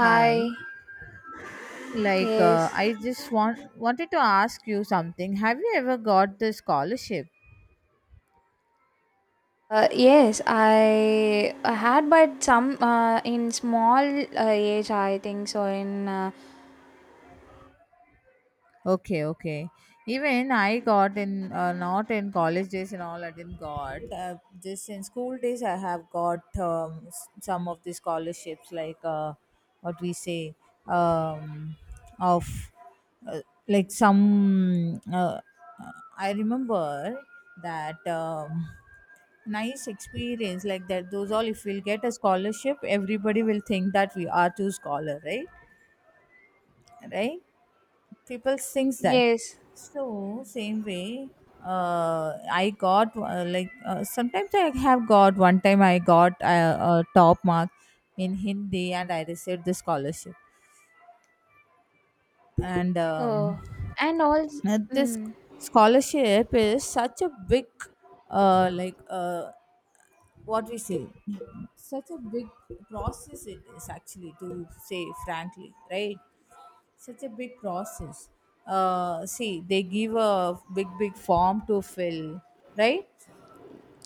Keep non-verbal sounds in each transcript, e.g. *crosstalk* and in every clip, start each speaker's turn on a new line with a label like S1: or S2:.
S1: Hi. Like,
S2: Yes.
S1: I just wanted to ask you something. Have you ever got the scholarship?
S2: Yes, I had, but some in small age, I think so. In
S1: Okay, okay. Even I got in, not in college days and all, I didn't got. Just in school days, I have got some of the scholarships, like what we say, um, of uh, like some. I remember that. Nice experience, like that, those all, if we'll get a scholarship, everybody will think that we are two scholar, right people sings that.
S2: yes,
S1: So same way, I got, sometimes I have got, one time I got a top mark in Hindi and I received the scholarship. And
S2: oh, and also,
S1: this
S2: mm,
S1: scholarship is such a big, uh like uh what we say, such a big process it is, actually, to say frankly, right? Such a big process. See, they give a big, big form to fill, right?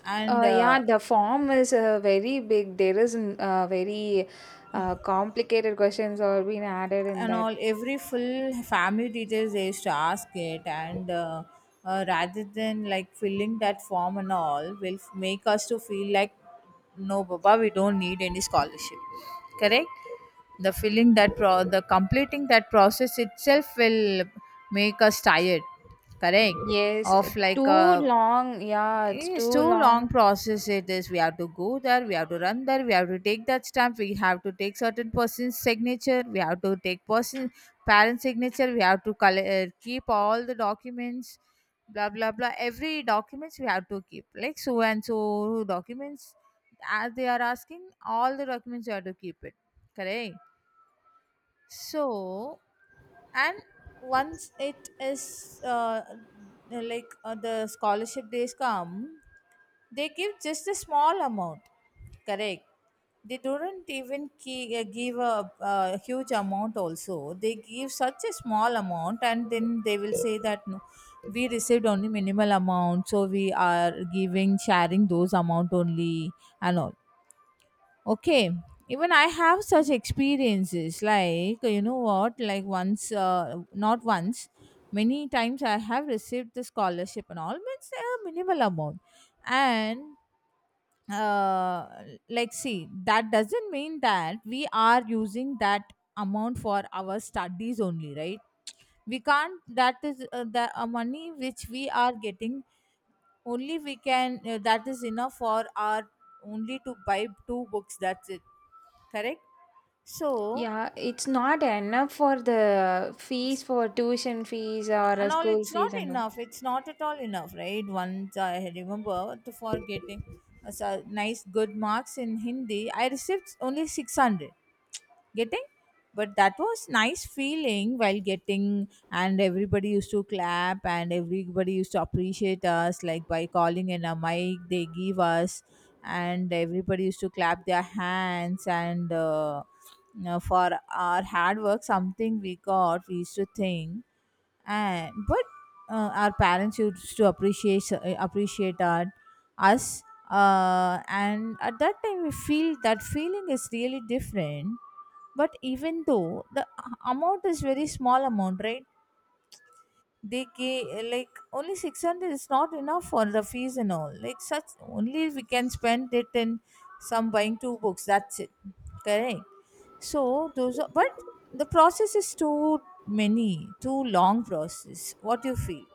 S1: And
S2: yeah,
S1: uh,
S2: the form is very big. There is very complicated questions are being added in
S1: and
S2: that.
S1: all, every full family details they used to ask it, and rather than, like, filling that form and all, will make us to feel like no, Baba, we don't need any scholarship, correct? The filling that the completing that process itself will make us tired, correct?
S2: Yes,
S1: Of, like,
S2: too long. Yeah, it's
S1: it's
S2: too
S1: too long
S2: long.
S1: process it is. We have to go there, we have to run there, we have to take that stamp, we have to take certain person's signature, we have to take person parent signature, we have to keep all the documents, blah blah blah, every documents we have to keep, like so and so documents, as they are asking all the documents you have to keep it, correct? So, and once it is the scholarship days come, they give just a small amount, correct? They don't even give a huge amount also. They give such a small amount and then they will say that no, we received only minimal amount, so we are giving, sharing those amount only and all. Okay. Even I have such experiences, like, you know what, like, once not once, many times I have received the scholarship and all, means a minimal amount. And uh, like, see, that doesn't mean that we are using that amount for our studies only, right? We can't. That is, the money which we are getting, only we can, that is enough for our, only to buy two books, that's it, correct? So,
S2: Yeah, it's not enough for the fees for tuition fees or
S1: and all,
S2: school
S1: it's
S2: fees
S1: not
S2: and all.
S1: enough, it's not at all enough, right? Once I remember, to, for getting so nice good marks in Hindi, I received only 600. Getting, but that was nice feeling while getting, and everybody used to clap, and everybody used to appreciate us, like by calling in a mic they give us, and everybody used to clap their hands. And for our hard work something we got, we used to think. And but our parents used to appreciate us, and at that time we feel that feeling is really different. But even though the amount is very small amount, right? They gave, like, only 600 is not enough for the fees and all, like such, only we can spend it in some buying two books, that's it, correct? So those are, but the process is too many, too long process. What do you feel?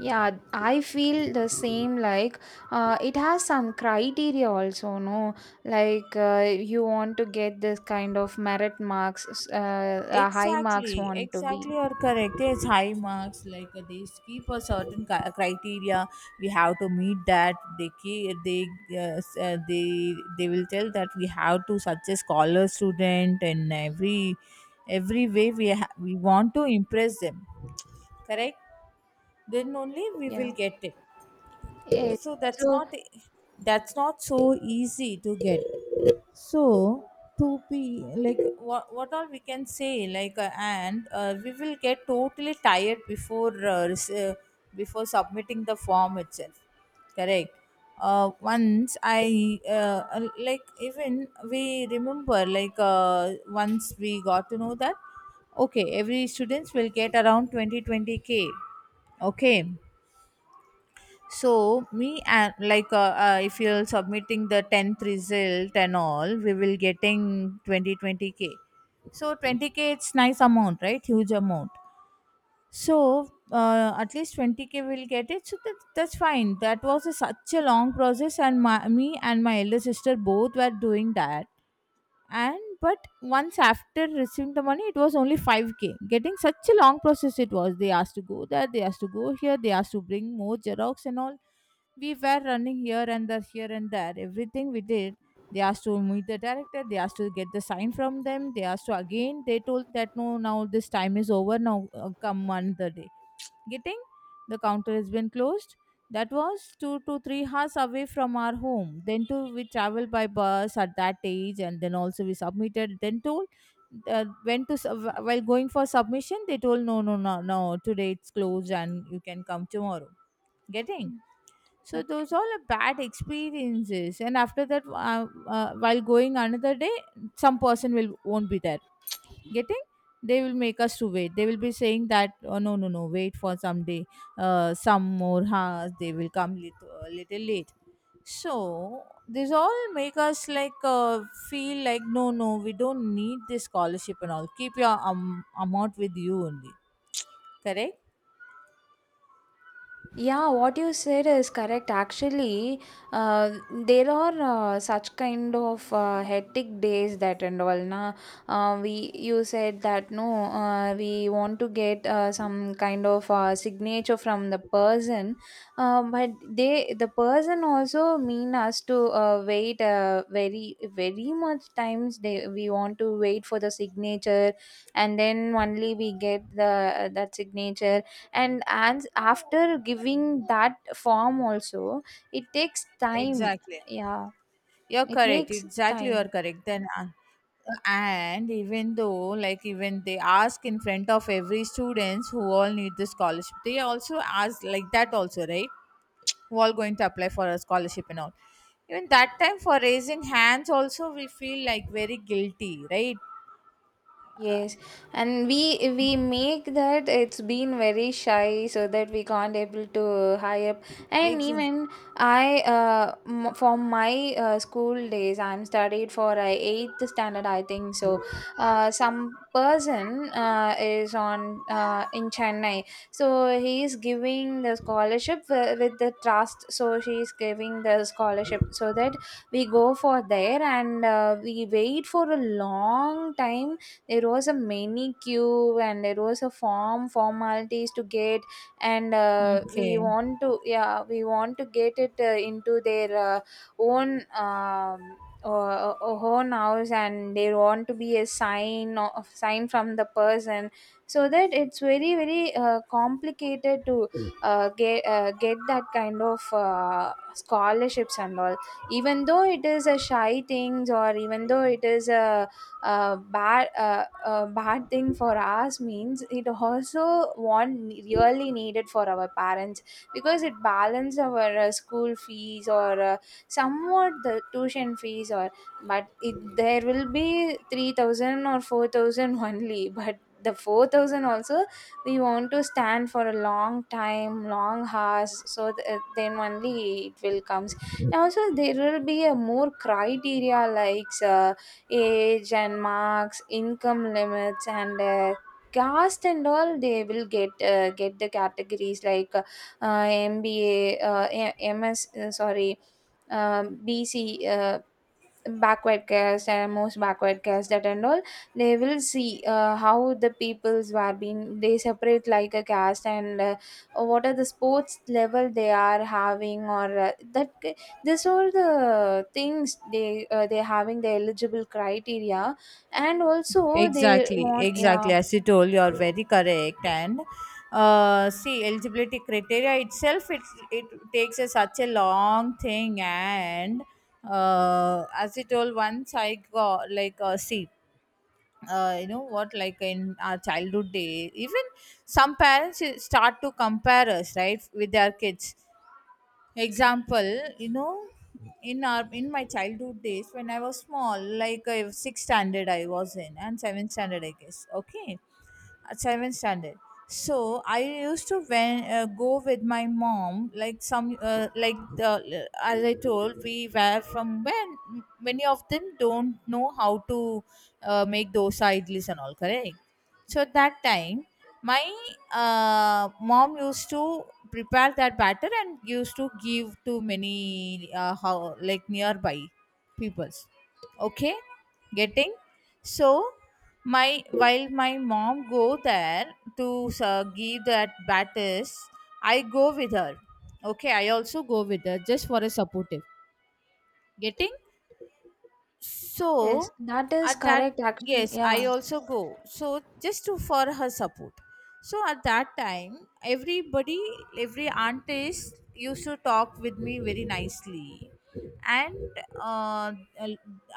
S2: Yeah, I feel the same. It has some criteria also, no? You want to get this kind of merit marks, high marks
S1: Exactly,
S2: want to
S1: exactly,
S2: be.
S1: you're correct. Yes, high marks, like they keep a certain criteria. We have to meet that. They they will tell that we have to such a scholar student, and every way we we want to impress them. Correct? Then only we
S2: Yeah.
S1: will get it.
S2: Yes.
S1: So that's not so easy to get. So to be like what all we can say, like and we will get totally tired before before submitting the form itself, correct? Once I like even we remember, like once we got to know that, okay, every students will get around twenty twenty k. Okay. So me and, like, if you're submitting the 10th result and all, we will getting twenty twenty k. So 20K it's nice amount, right? Huge amount. So at least 20K will get it. So that, that's fine. That was such a long process, and me and my elder sister both were doing that. And but once after receiving the money, it was only 5K. Getting, such a long process it was. They asked to go there, they asked to go here, they asked to bring more Xerox and all, we were running here and there, here and there. Everything we did, they asked to meet the director, they asked to get the sign from them, they asked to again, they told that no, now this time is over, now come another day. Getting, the counter has been closed. That was 2 to 3 hours away from our home. Then too, we traveled by bus at that age, and then also we submitted. Then told, while going for submission, they told no, no, no, no. Today it's closed, and you can come tomorrow. Getting, so
S2: Also,
S1: those all are bad experiences, and after that, while going another day, some person will won't be there. Getting, they will make us to wait. They will be saying that, oh no no no, wait for some day. Some more hours they will come, a little late. So these all make us like, feel like no no, we don't need this scholarship and all. Keep your amount with you only. Correct.
S2: yeah, what you said is correct. Actually, there are such kind of hectic days that and all. Na, we you said that no, we want to get some kind of signature from the person, but they the person also mean us to wait very very much times. They we want to wait for the signature, and then only we get the that signature and after giving that form also it takes time,
S1: Exactly.
S2: yeah,
S1: You're
S2: it
S1: correct.
S2: takes
S1: Exactly,
S2: time.
S1: you're correct. Then, and even though, like, even they ask in front of every students who all need the scholarship, they also ask like that also, right? Who all going to apply for a scholarship and all. Even that time for raising hands, also we feel like very guilty, right?
S2: Yes, and we make that it's been very shy so that we can't able to high up. And
S1: Exactly.
S2: even for my school days, I'm studied for eighth standard, I think. So, some person is on in Chennai, so he is giving the scholarship with the trust. So she is giving the scholarship so that we go for there and we wait for a long time, there was a many queue and there was a form formalities to get. And we
S1: Okay.
S2: want to, yeah, we want to get it into their own um, own house, and they want to be a sign of sign from the person. So that it's very very complicated to get that kind of scholarships and all. Even though it is a shy things, or even though it is a bad thing for us, means it also one really needed for our parents, because it balance our school fees or somewhat the tuition fees. Or but it, there will be 3000 or 4000 *laughs* only, but the 4000 also we want to stand for a long time, long hours, so then only it will comes. And also there will be a more criteria, like age and marks, income limits, and caste and all. They will get the categories, like MBA, MS, sorry, BC, backward caste, and most backward caste, that and all. They will see how the peoples were being, they separate like a caste, and what are the sports level they are having, or that. These are the things they having the eligible criteria. And also they
S1: Exactly,
S2: want, yeah,
S1: exactly. As you told, you are very correct. And see, eligibility criteria itself, it takes such a long thing. And as you told, once I got, like, see, you know what, like in our childhood day, even some parents start to compare us, right, with their kids. Example, you know, in my childhood days, when I was small, like sixth standard I was in, and seventh standard I guess. Okay, at seventh standard, so I used to, go with my mom, like some as I told, we were from, when many of them don't know how to make dosa idlis and all, correct? So at that time my mom used to prepare that batter and used to give to many, how like, nearby peoples. Okay. Getting, so my while my mom go there to give that batters, I go with her. Okay, I also go with her just for a supportive. Getting,
S2: yes,
S1: so
S2: that is
S1: at that,
S2: correct actually,
S1: yes,
S2: yeah,
S1: I also go so just to for her support. So at that time, every aunties used to talk with me very nicely. And uh,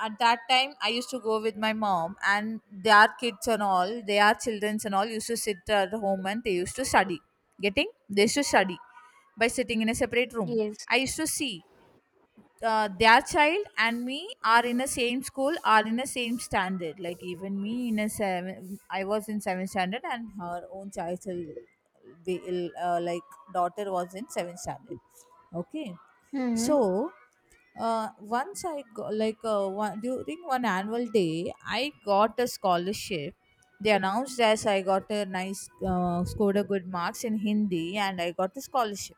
S1: at that time I used to go with my mom, and their kids and all, their childrens and all used to sit at home and they used to study. Getting, they used to study by sitting in a separate room.
S2: yes.
S1: I used to see their child and me are in the same school, are in the same standard, like even me in a seven, I was in seventh standard, and her own child, daughter, was in seventh standard. Okay.
S2: Mm-hmm.
S1: So once I go, like, during one annual day, I got a scholarship. They announced as I got a nice scored a good marks in Hindi and I got the scholarship.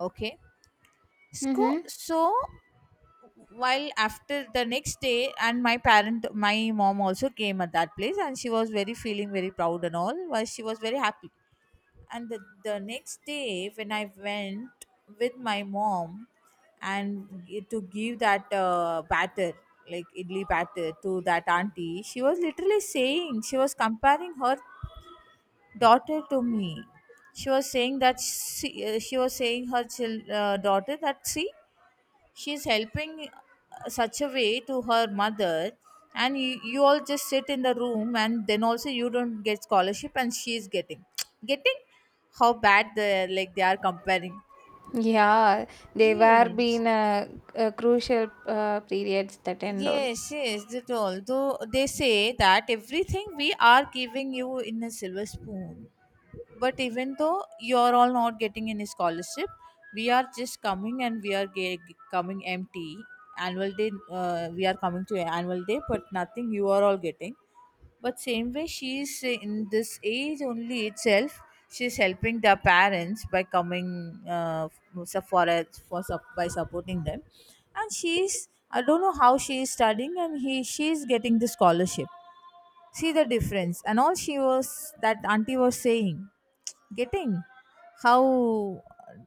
S1: Okay.
S2: Mm-hmm.
S1: So, while after the next day, and my mom also came at that place, and she was very, feeling very proud and all, while she was very happy. And the next day when I went with my mom, and to give that batter, like idli batter, to that auntie, she was literally saying, she was comparing her daughter to me. She was saying that, she was saying her daughter that, see, she's helping such a way to her mother, and you all just sit in the room and then also you don't get scholarship, and she's getting. *tsk* Getting, how bad they, like, they are comparing.
S2: Yeah, they were
S1: Yes,
S2: being a crucial periods that and all.
S1: yes, yes, that all. Although they say that, everything we are giving you in a silver spoon. But even though you're all not getting any scholarship, we are just coming, and we are coming empty. Annual day, we are coming to annual day, but nothing you are all getting. But same way, she is in this age only itself. She's helping their parents by coming for, a, by supporting them, and she's, I don't know how she is studying, and he she is getting the scholarship. See the difference and all, she was, that auntie was saying. Getting how,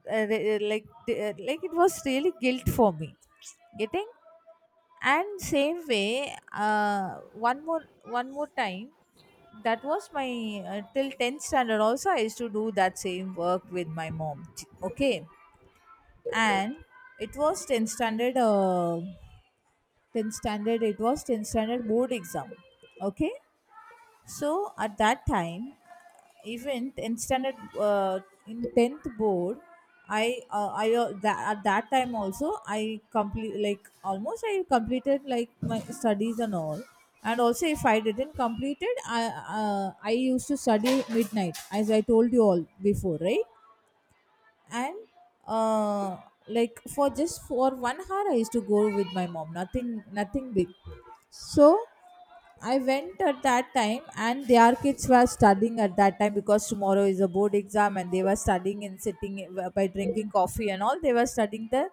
S1: like, it was really guilt for me. Getting. And same way, one more time, that was my, till 10th standard also I used to do that same work with my mom. Okay. And it was 10th standard, uh, 10th standard it was 10th standard board exam. Okay. So at that time, even in standard, in tenth board, at that time also I complete, like almost I completed like my studies and all. And also, if I didn't complete it, I used to study midnight, as I told you all before, right? And uh like, for just for 1 hour I used to go with my mom, nothing, nothing big. So I went at that time, and their kids were studying at that time because tomorrow is a board exam, and they were studying and sitting, by drinking coffee and all, they were studying, the,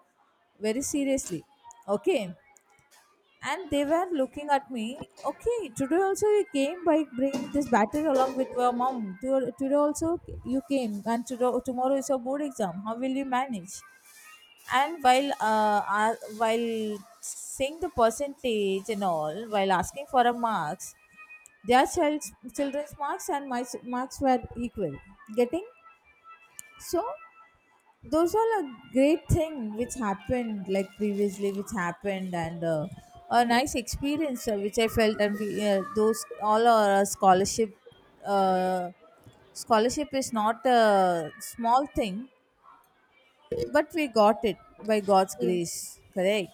S1: very seriously. Okay. And they were looking at me. Okay, today also you came by bringing this battery along with your mom. Today also you came, and today, tomorrow is your board exam, how will you manage? And while saying the percentage and all, while asking for a marks, their child's children's marks and my marks were equal. Getting. So those are a great thing which happened, like previously which happened, and a nice experience which I felt, and those all are a scholarship. uh, Scholarship is not a small thing, but we got it by God's
S2: Ye-
S1: grace, correct?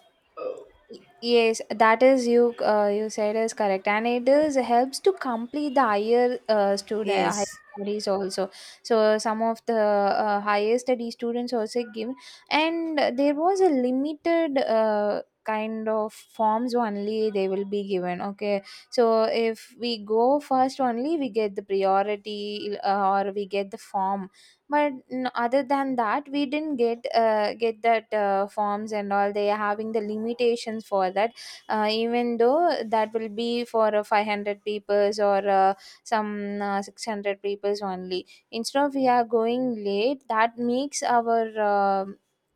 S2: yes, that is you. You said is correct, and it is helps to complete the higher student higher
S1: Yes,
S2: studies also. So some of the higher study students also give, and there was a limited kind of forms only they will be given. Okay, so if we go first only, we get the priority or we get the form. But other than that, we didn't get that forms and all. They are having the limitations for that, even though that will be for 500 peoples, or some 600 peoples only. Instead of, we are going late, that makes our uh,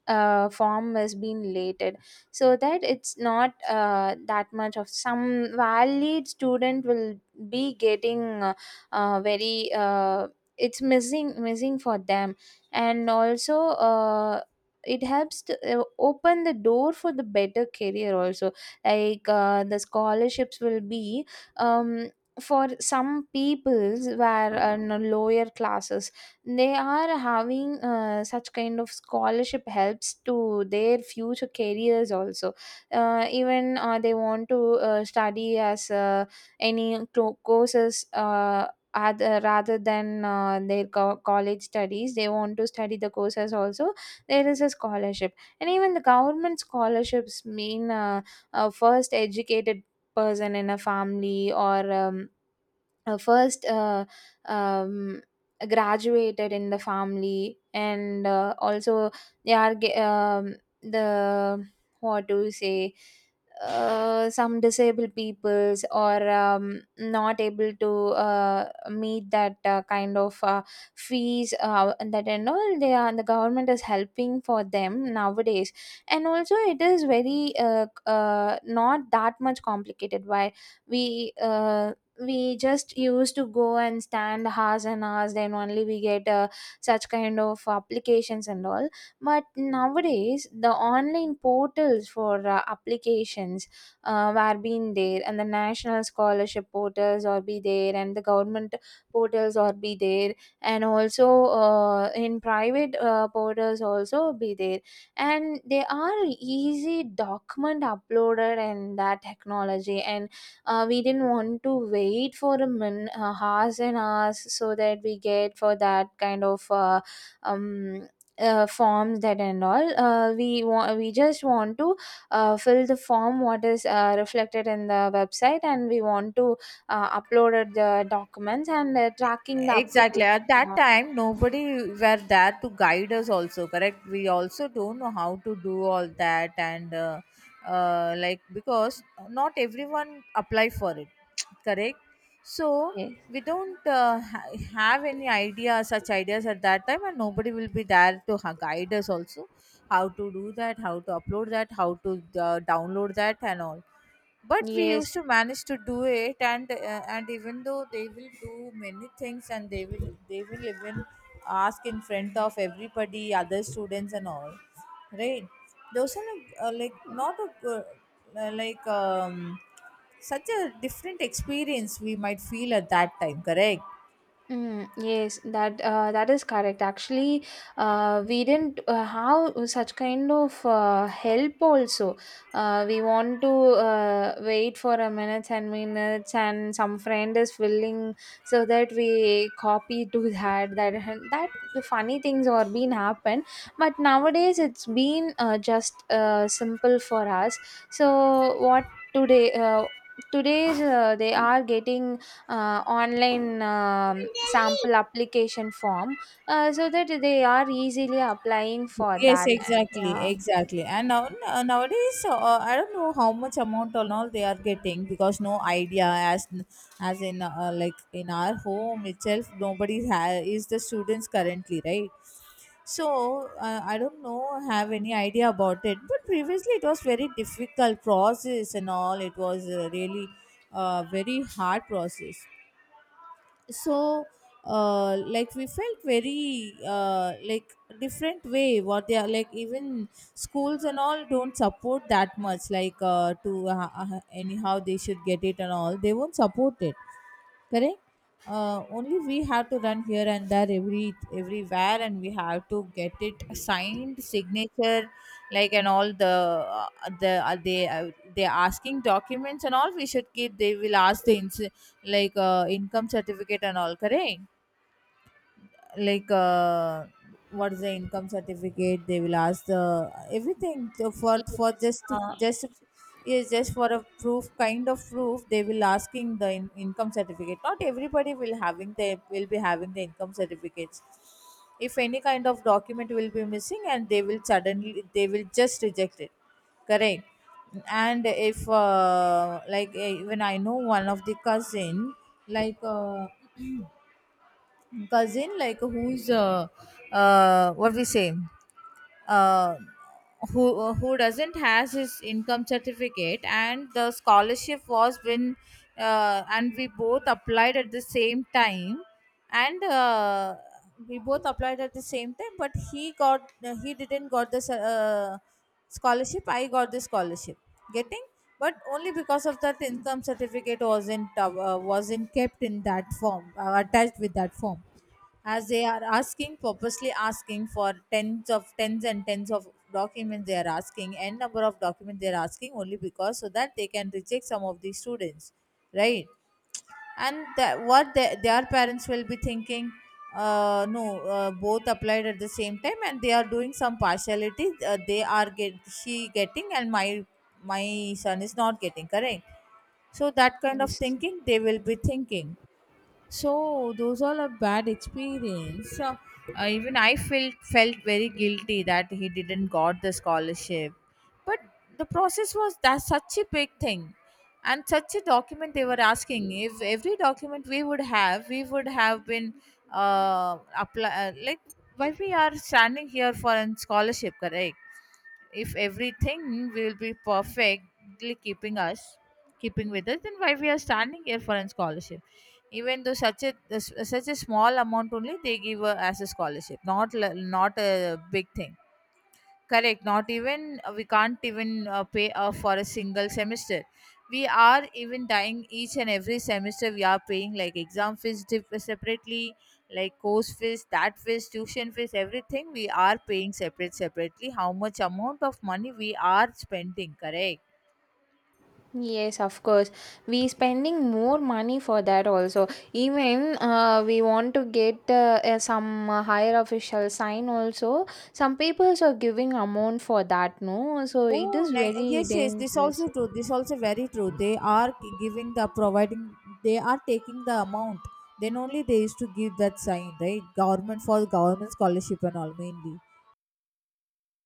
S2: form has been lated. So that it's not that much of, some valid student will be getting very it's missing missing for them. And also uh, it helps to open the door for the better career also. Like the scholarships will be um, for some peoples where lower classes, they are having such kind of scholarship helps to their future careers also. Uh, even they want to study as any courses, other rather than their college studies, they want to study the courses also, there is a scholarship. And even the government scholarships mean a first educated person in a family, or first um, graduated in the family. And also, they are the, what do you say, some disabled peoples, or not able to meet that kind of fees and that and all. They are the government is helping for them nowadays. And also it is very not that much complicated. Why we uh, we just used to go and stand hours and hours, then only we get such kind of applications and all. But nowadays the online portals for applications uh, are being there, and the national scholarship portals are be there, and the government portals are be there. And also in private portals also be there. And they are easy document uploaded in that technology. And we didn't want to wait for a min hours and hours, so that we get for that kind of um forms that and all. Uh, we want, we just want to fill the form what is reflected in the website, and we want to upload the documents, and tracking the
S1: exactly.
S2: application.
S1: At that time nobody were there to guide us also, correct? We also don't know how to do all that, and like, because not everyone apply for it. *tsk* Correct. So
S2: Yes,
S1: we don't have any idea, such ideas at that time, and nobody will be there to guide us also, how to do that, how to upload that, how to download that and all. But we
S2: yes.
S1: used to manage to do it. And and even though they will do many things, and they will even ask in front of everybody, other students and all, right? Those are like not a good, uh, like um such a different experience we might feel at that time, correct?
S2: Mm, yes, that that is correct. Actually, we didn't have such kind of help. Also, we want to wait for a minute, and minutes, and some friend is filling, so that we copy to that. That, that the funny things are being happen. But nowadays, it's been just simple for us. So what today? Today's they are getting online sample application form, so that they are easily applying for
S1: Yes,
S2: that.
S1: exactly,
S2: Yeah,
S1: exactly. And now nowadays, I don't know how much amount or all they are getting, because no idea, as in like, in our home itself, nobody is the students currently, right? So I don't know, have any idea about it. But previously, it was very difficult process and all. It was really very hard process. So like, we felt very like different way, what they are, like even schools and all don't support that much, like to anyhow they should get it and all, they won't support it, correct? Only we have to run here and there, every everywhere, and we have to get it signed, signature, like, and all the, uh, they asking documents and all we should keep. They will ask the like, income certificate and all, correct? Like, what's the income certificate, they will ask the everything for
S2: yes,
S1: just to, just, yes, just for a proof, kind of proof, they will asking the income certificate. Not everybody will having the, will be having the income certificates. If any kind of document will be missing, and they will suddenly, they will just reject it, correct? And if even I know one of the cousin, like, *clears throat* cousin like, who's what we say, uh, who doesn't has his income certificate, and the scholarship was when, and we both applied at the same time. And we both applied at the same time but he got, he didn't got this scholarship, I got this scholarship. Getting. But only because of that income certificate wasn't kept in that form, attached with that form. As they are asking, purposely asking for tens of tens and tens of documents, they are asking n number of documents, they are asking, only because so that they can reject some of the students, right? And that what the, their parents will be thinking. No Both applied at the same time, and they are doing some partiality, they are get, she getting and my son is not getting, correct? So that kind of
S2: yes.
S1: thinking they will be thinking. So those all are bad experience. So even I felt very guilty that he didn't got the scholarship. But the process was that such a big thing, and such a document they were asking. If every document we would have, we would have been uh, apply like, why we are standing here for a scholarship, correct? If everything will be perfectly keeping us, keeping with us, then why we are standing here for a scholarship? Even though such a, such a small amount only they give, as a scholarship, not l- not a big thing. Correct. Not even we can't even pay off for a single semester. We are even dying each and every semester. We are paying like exam fees separately, like course fees, that fees, tuition fees, everything. We are paying separately. How much amount of money we are spending? Correct.
S2: Yes, of course. We spending more money for that also. Even we want to get some higher official sign also. Some people are giving amount for that, no? So it
S1: Oh,
S2: is very
S1: yes, yes. This
S2: dangerous.
S1: also true. This also very true. They are giving, the providing. They are taking the amount. Then only they used to give that sign, right? Government, for government scholarship and all mainly.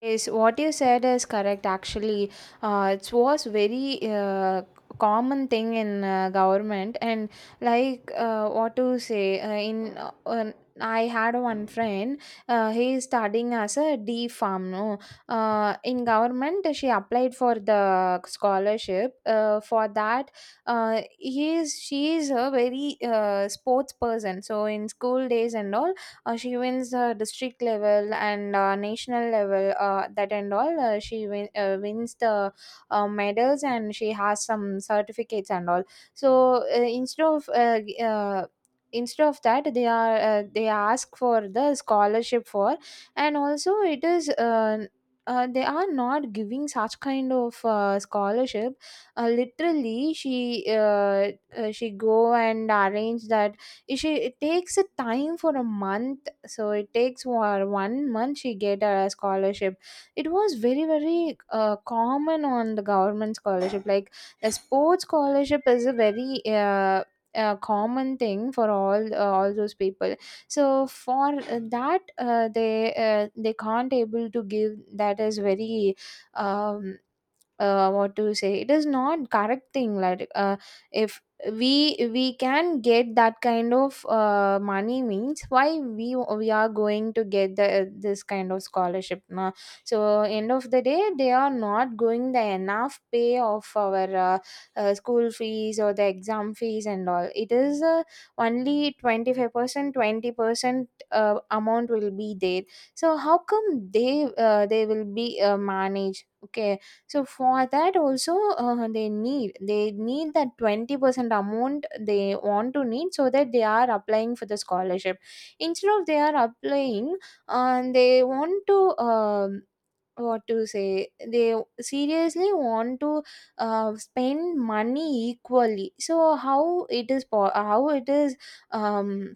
S2: Yes, what you said is correct. Actually, it was very common thing in government, and like what to say in. I had one friend. He is studying as a D farm. No, in government she applied for the scholarship. For that, he is she is a very sports person. So in school days and all, she wins district level, and national level, that and all she win, wins the medals, and she has some certificates and all. So instead of that, they are they ask for the scholarship for. And also it is they are not giving such kind of scholarship. Uh, literally she go and arrange that, is she it takes a time for a month. So it takes for 1 month she get a scholarship. It was very very common on the government scholarship, like a sports scholarship is a very common thing for all, all those people. So for that they can't able to give. That is very um, what to say, it is not correct thing, like if we can get that kind of money means, why we are going to get the this kind of scholarship, na? So end of the day, they are not going the enough pay of our school fees, or the exam fees and all. It is only 25% 20% amount will be there. So how come they will be managed, okay? So for that also, they need, they need that 20% amount, they want to need, so that they are applying for the scholarship. Instead of, they are applying, and they want to, what to say, they seriously want to spend money equally. So how it is how it is, um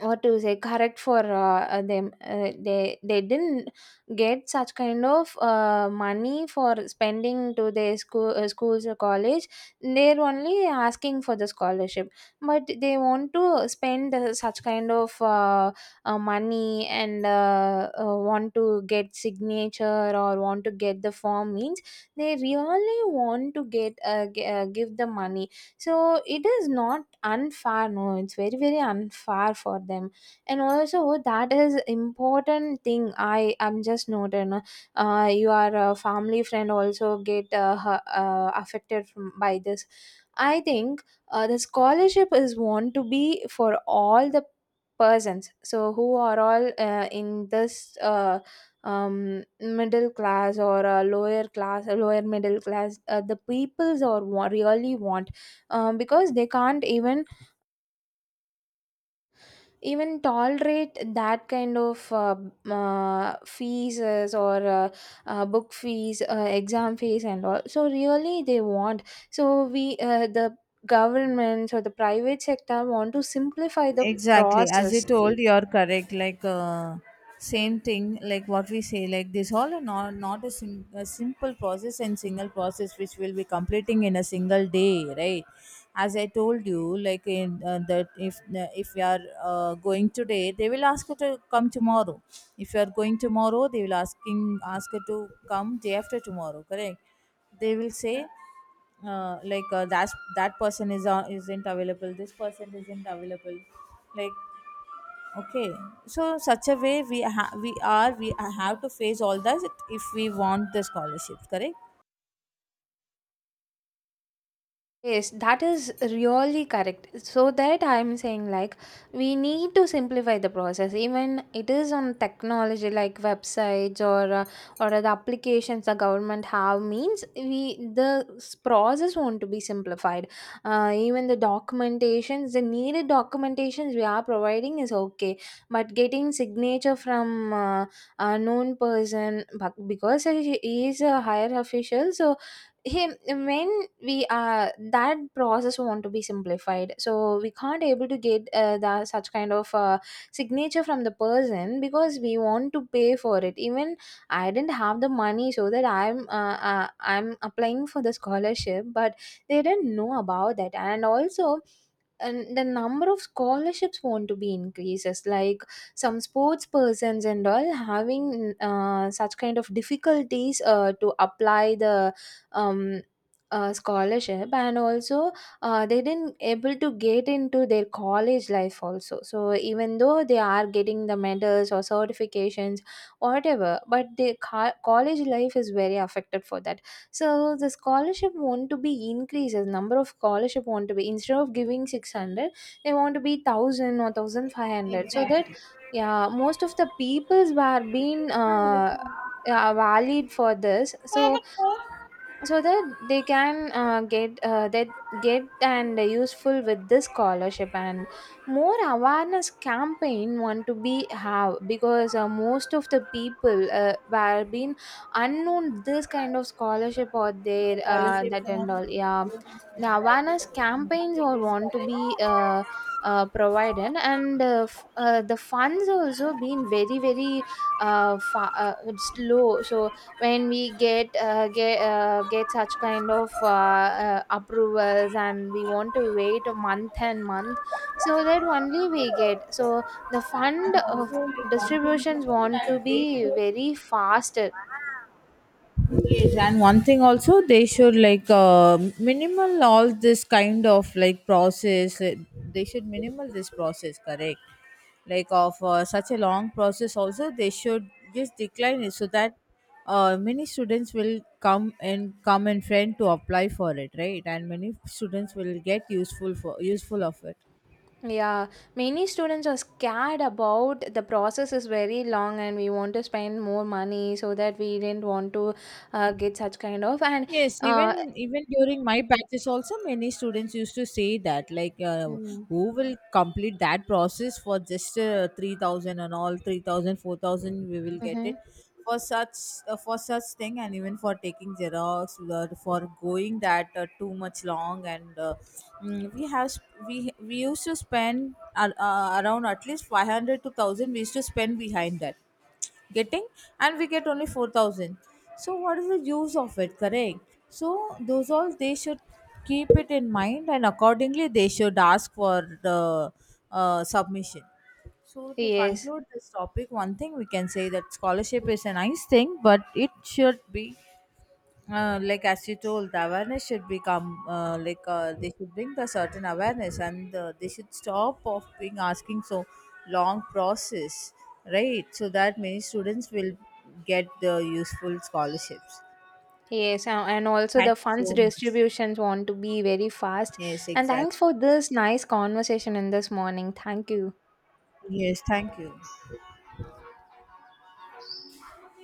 S2: what to say, correct for them. Uh, they didn't get such kind of money for spending to their school, schools or college. They're only asking for the scholarship, but they want to spend such kind of money, and want to get signature, or want to get the form, means they really want to get give the money. So it is not unfair, no, it's very very unfair for them. And also that is important thing I am just noted, no? Your family friend also get affected from, by this, I think. Uh, the scholarship is want to be for all the persons, so who are all in this middle class, or lower class, lower middle class, the peoples or really want, because they can't even even tolerate that kind of fees is or book fees, exam fees and all. So really they want. So we the governments, or the private sector want to simplify the
S1: Exactly, as you
S2: process.
S1: told, you're correct. Like same thing, like what we say, like, this all are not, not a, a simple process and single process which will be completing in a single day, right? As I told you, like in that, if you are going today, they will ask you to come tomorrow. If you are going tomorrow, they will ask you to come day after tomorrow, correct? They will say that, that person is isn't available, this person isn't available, like, okay. So such a way we ha- we are we have to face all that, if we want the scholarships, correct?
S2: Yes, that is really correct. So that I am saying, like, we need to simplify the process. Even it is on technology, like websites, or the applications the government have, means we the process want to be simplified. Even the documentations, the needed documentations we are providing is okay, but getting signature from a known person, but because he is a higher official, so him when we are, that process want to be simplified, so we can't able to get the such kind of signature from the person, because we want to pay for it. Even I didn't have the money, so that I'm I'm applying for the scholarship, but they didn't know about that. And also, and the number of scholarships want to be increases, like some sports persons and all having such kind of difficulties to apply the um, scholarship. And also they didn't able to get into their college life also. So even though they are getting the medals or certifications whatever, but the college life is very affected for that. So the scholarship want to be increased, the number of scholarship want to be, instead of giving 600, they want to be 1000 or 1500. So
S1: Yes.
S2: that, yeah, most of the peoples were being yeah, valid for this. So so that they can get that, get and useful with this scholarship. And more awareness campaign want to be have, because most of the people were been unknown this kind of scholarship, or their
S1: Scholarships
S2: that
S1: and
S2: and all, yeah.
S1: all, everything
S2: The awareness campaigns or
S1: is
S2: want to be
S1: correct.
S2: provided. And the funds also been very very slow. So when we get get such kind of approvals, and we want to wait a month and month, so that only we get. So the fund
S1: And
S2: of
S1: also, like, one thing
S2: distributions
S1: is
S2: want to
S1: that they
S2: be
S1: should,
S2: very faster.
S1: yes, and one thing also they should, like minimal all this kind of like process. They should minimal this process, correct? Like of such a long process, also they should just decline it, so that many students will come and come in front to apply for it, right? And many students will get useful, for useful of it.
S2: Yeah, many students are scared about the process is very long, and we want to spend more money, so that we didn't want to get such kind of. And
S1: Yes,
S2: uh,
S1: even even during my batches also, many students used to say that, like who will complete that process for just 3,000 and all, 3,000, 4,000, we will get it.
S2: mm-hmm.
S1: For such, for such thing, and even for taking xerox, for going that too much long, and we used to spend around at least 500 to 1000 we used to spend behind that. Getting. And we get only 4,000. So what is the use of it, correct? So those all they should keep it in mind, and accordingly they should ask for the, submission. So to
S2: Yes.
S1: conclude this topic, one thing we can say, that scholarship is a nice thing, but it should be, like as you told, the awareness should become, they should bring the certain awareness, and they should stop of being asking so long process, right? So that many students will get the useful scholarships.
S2: Yes, and also
S1: Thank
S2: the
S1: you
S2: funds
S1: so much.
S2: distributions want to be very fast.
S1: Yes,
S2: And thanks
S1: exactly.
S2: for this nice conversation in this morning. Thank you.
S1: Yes, thank you.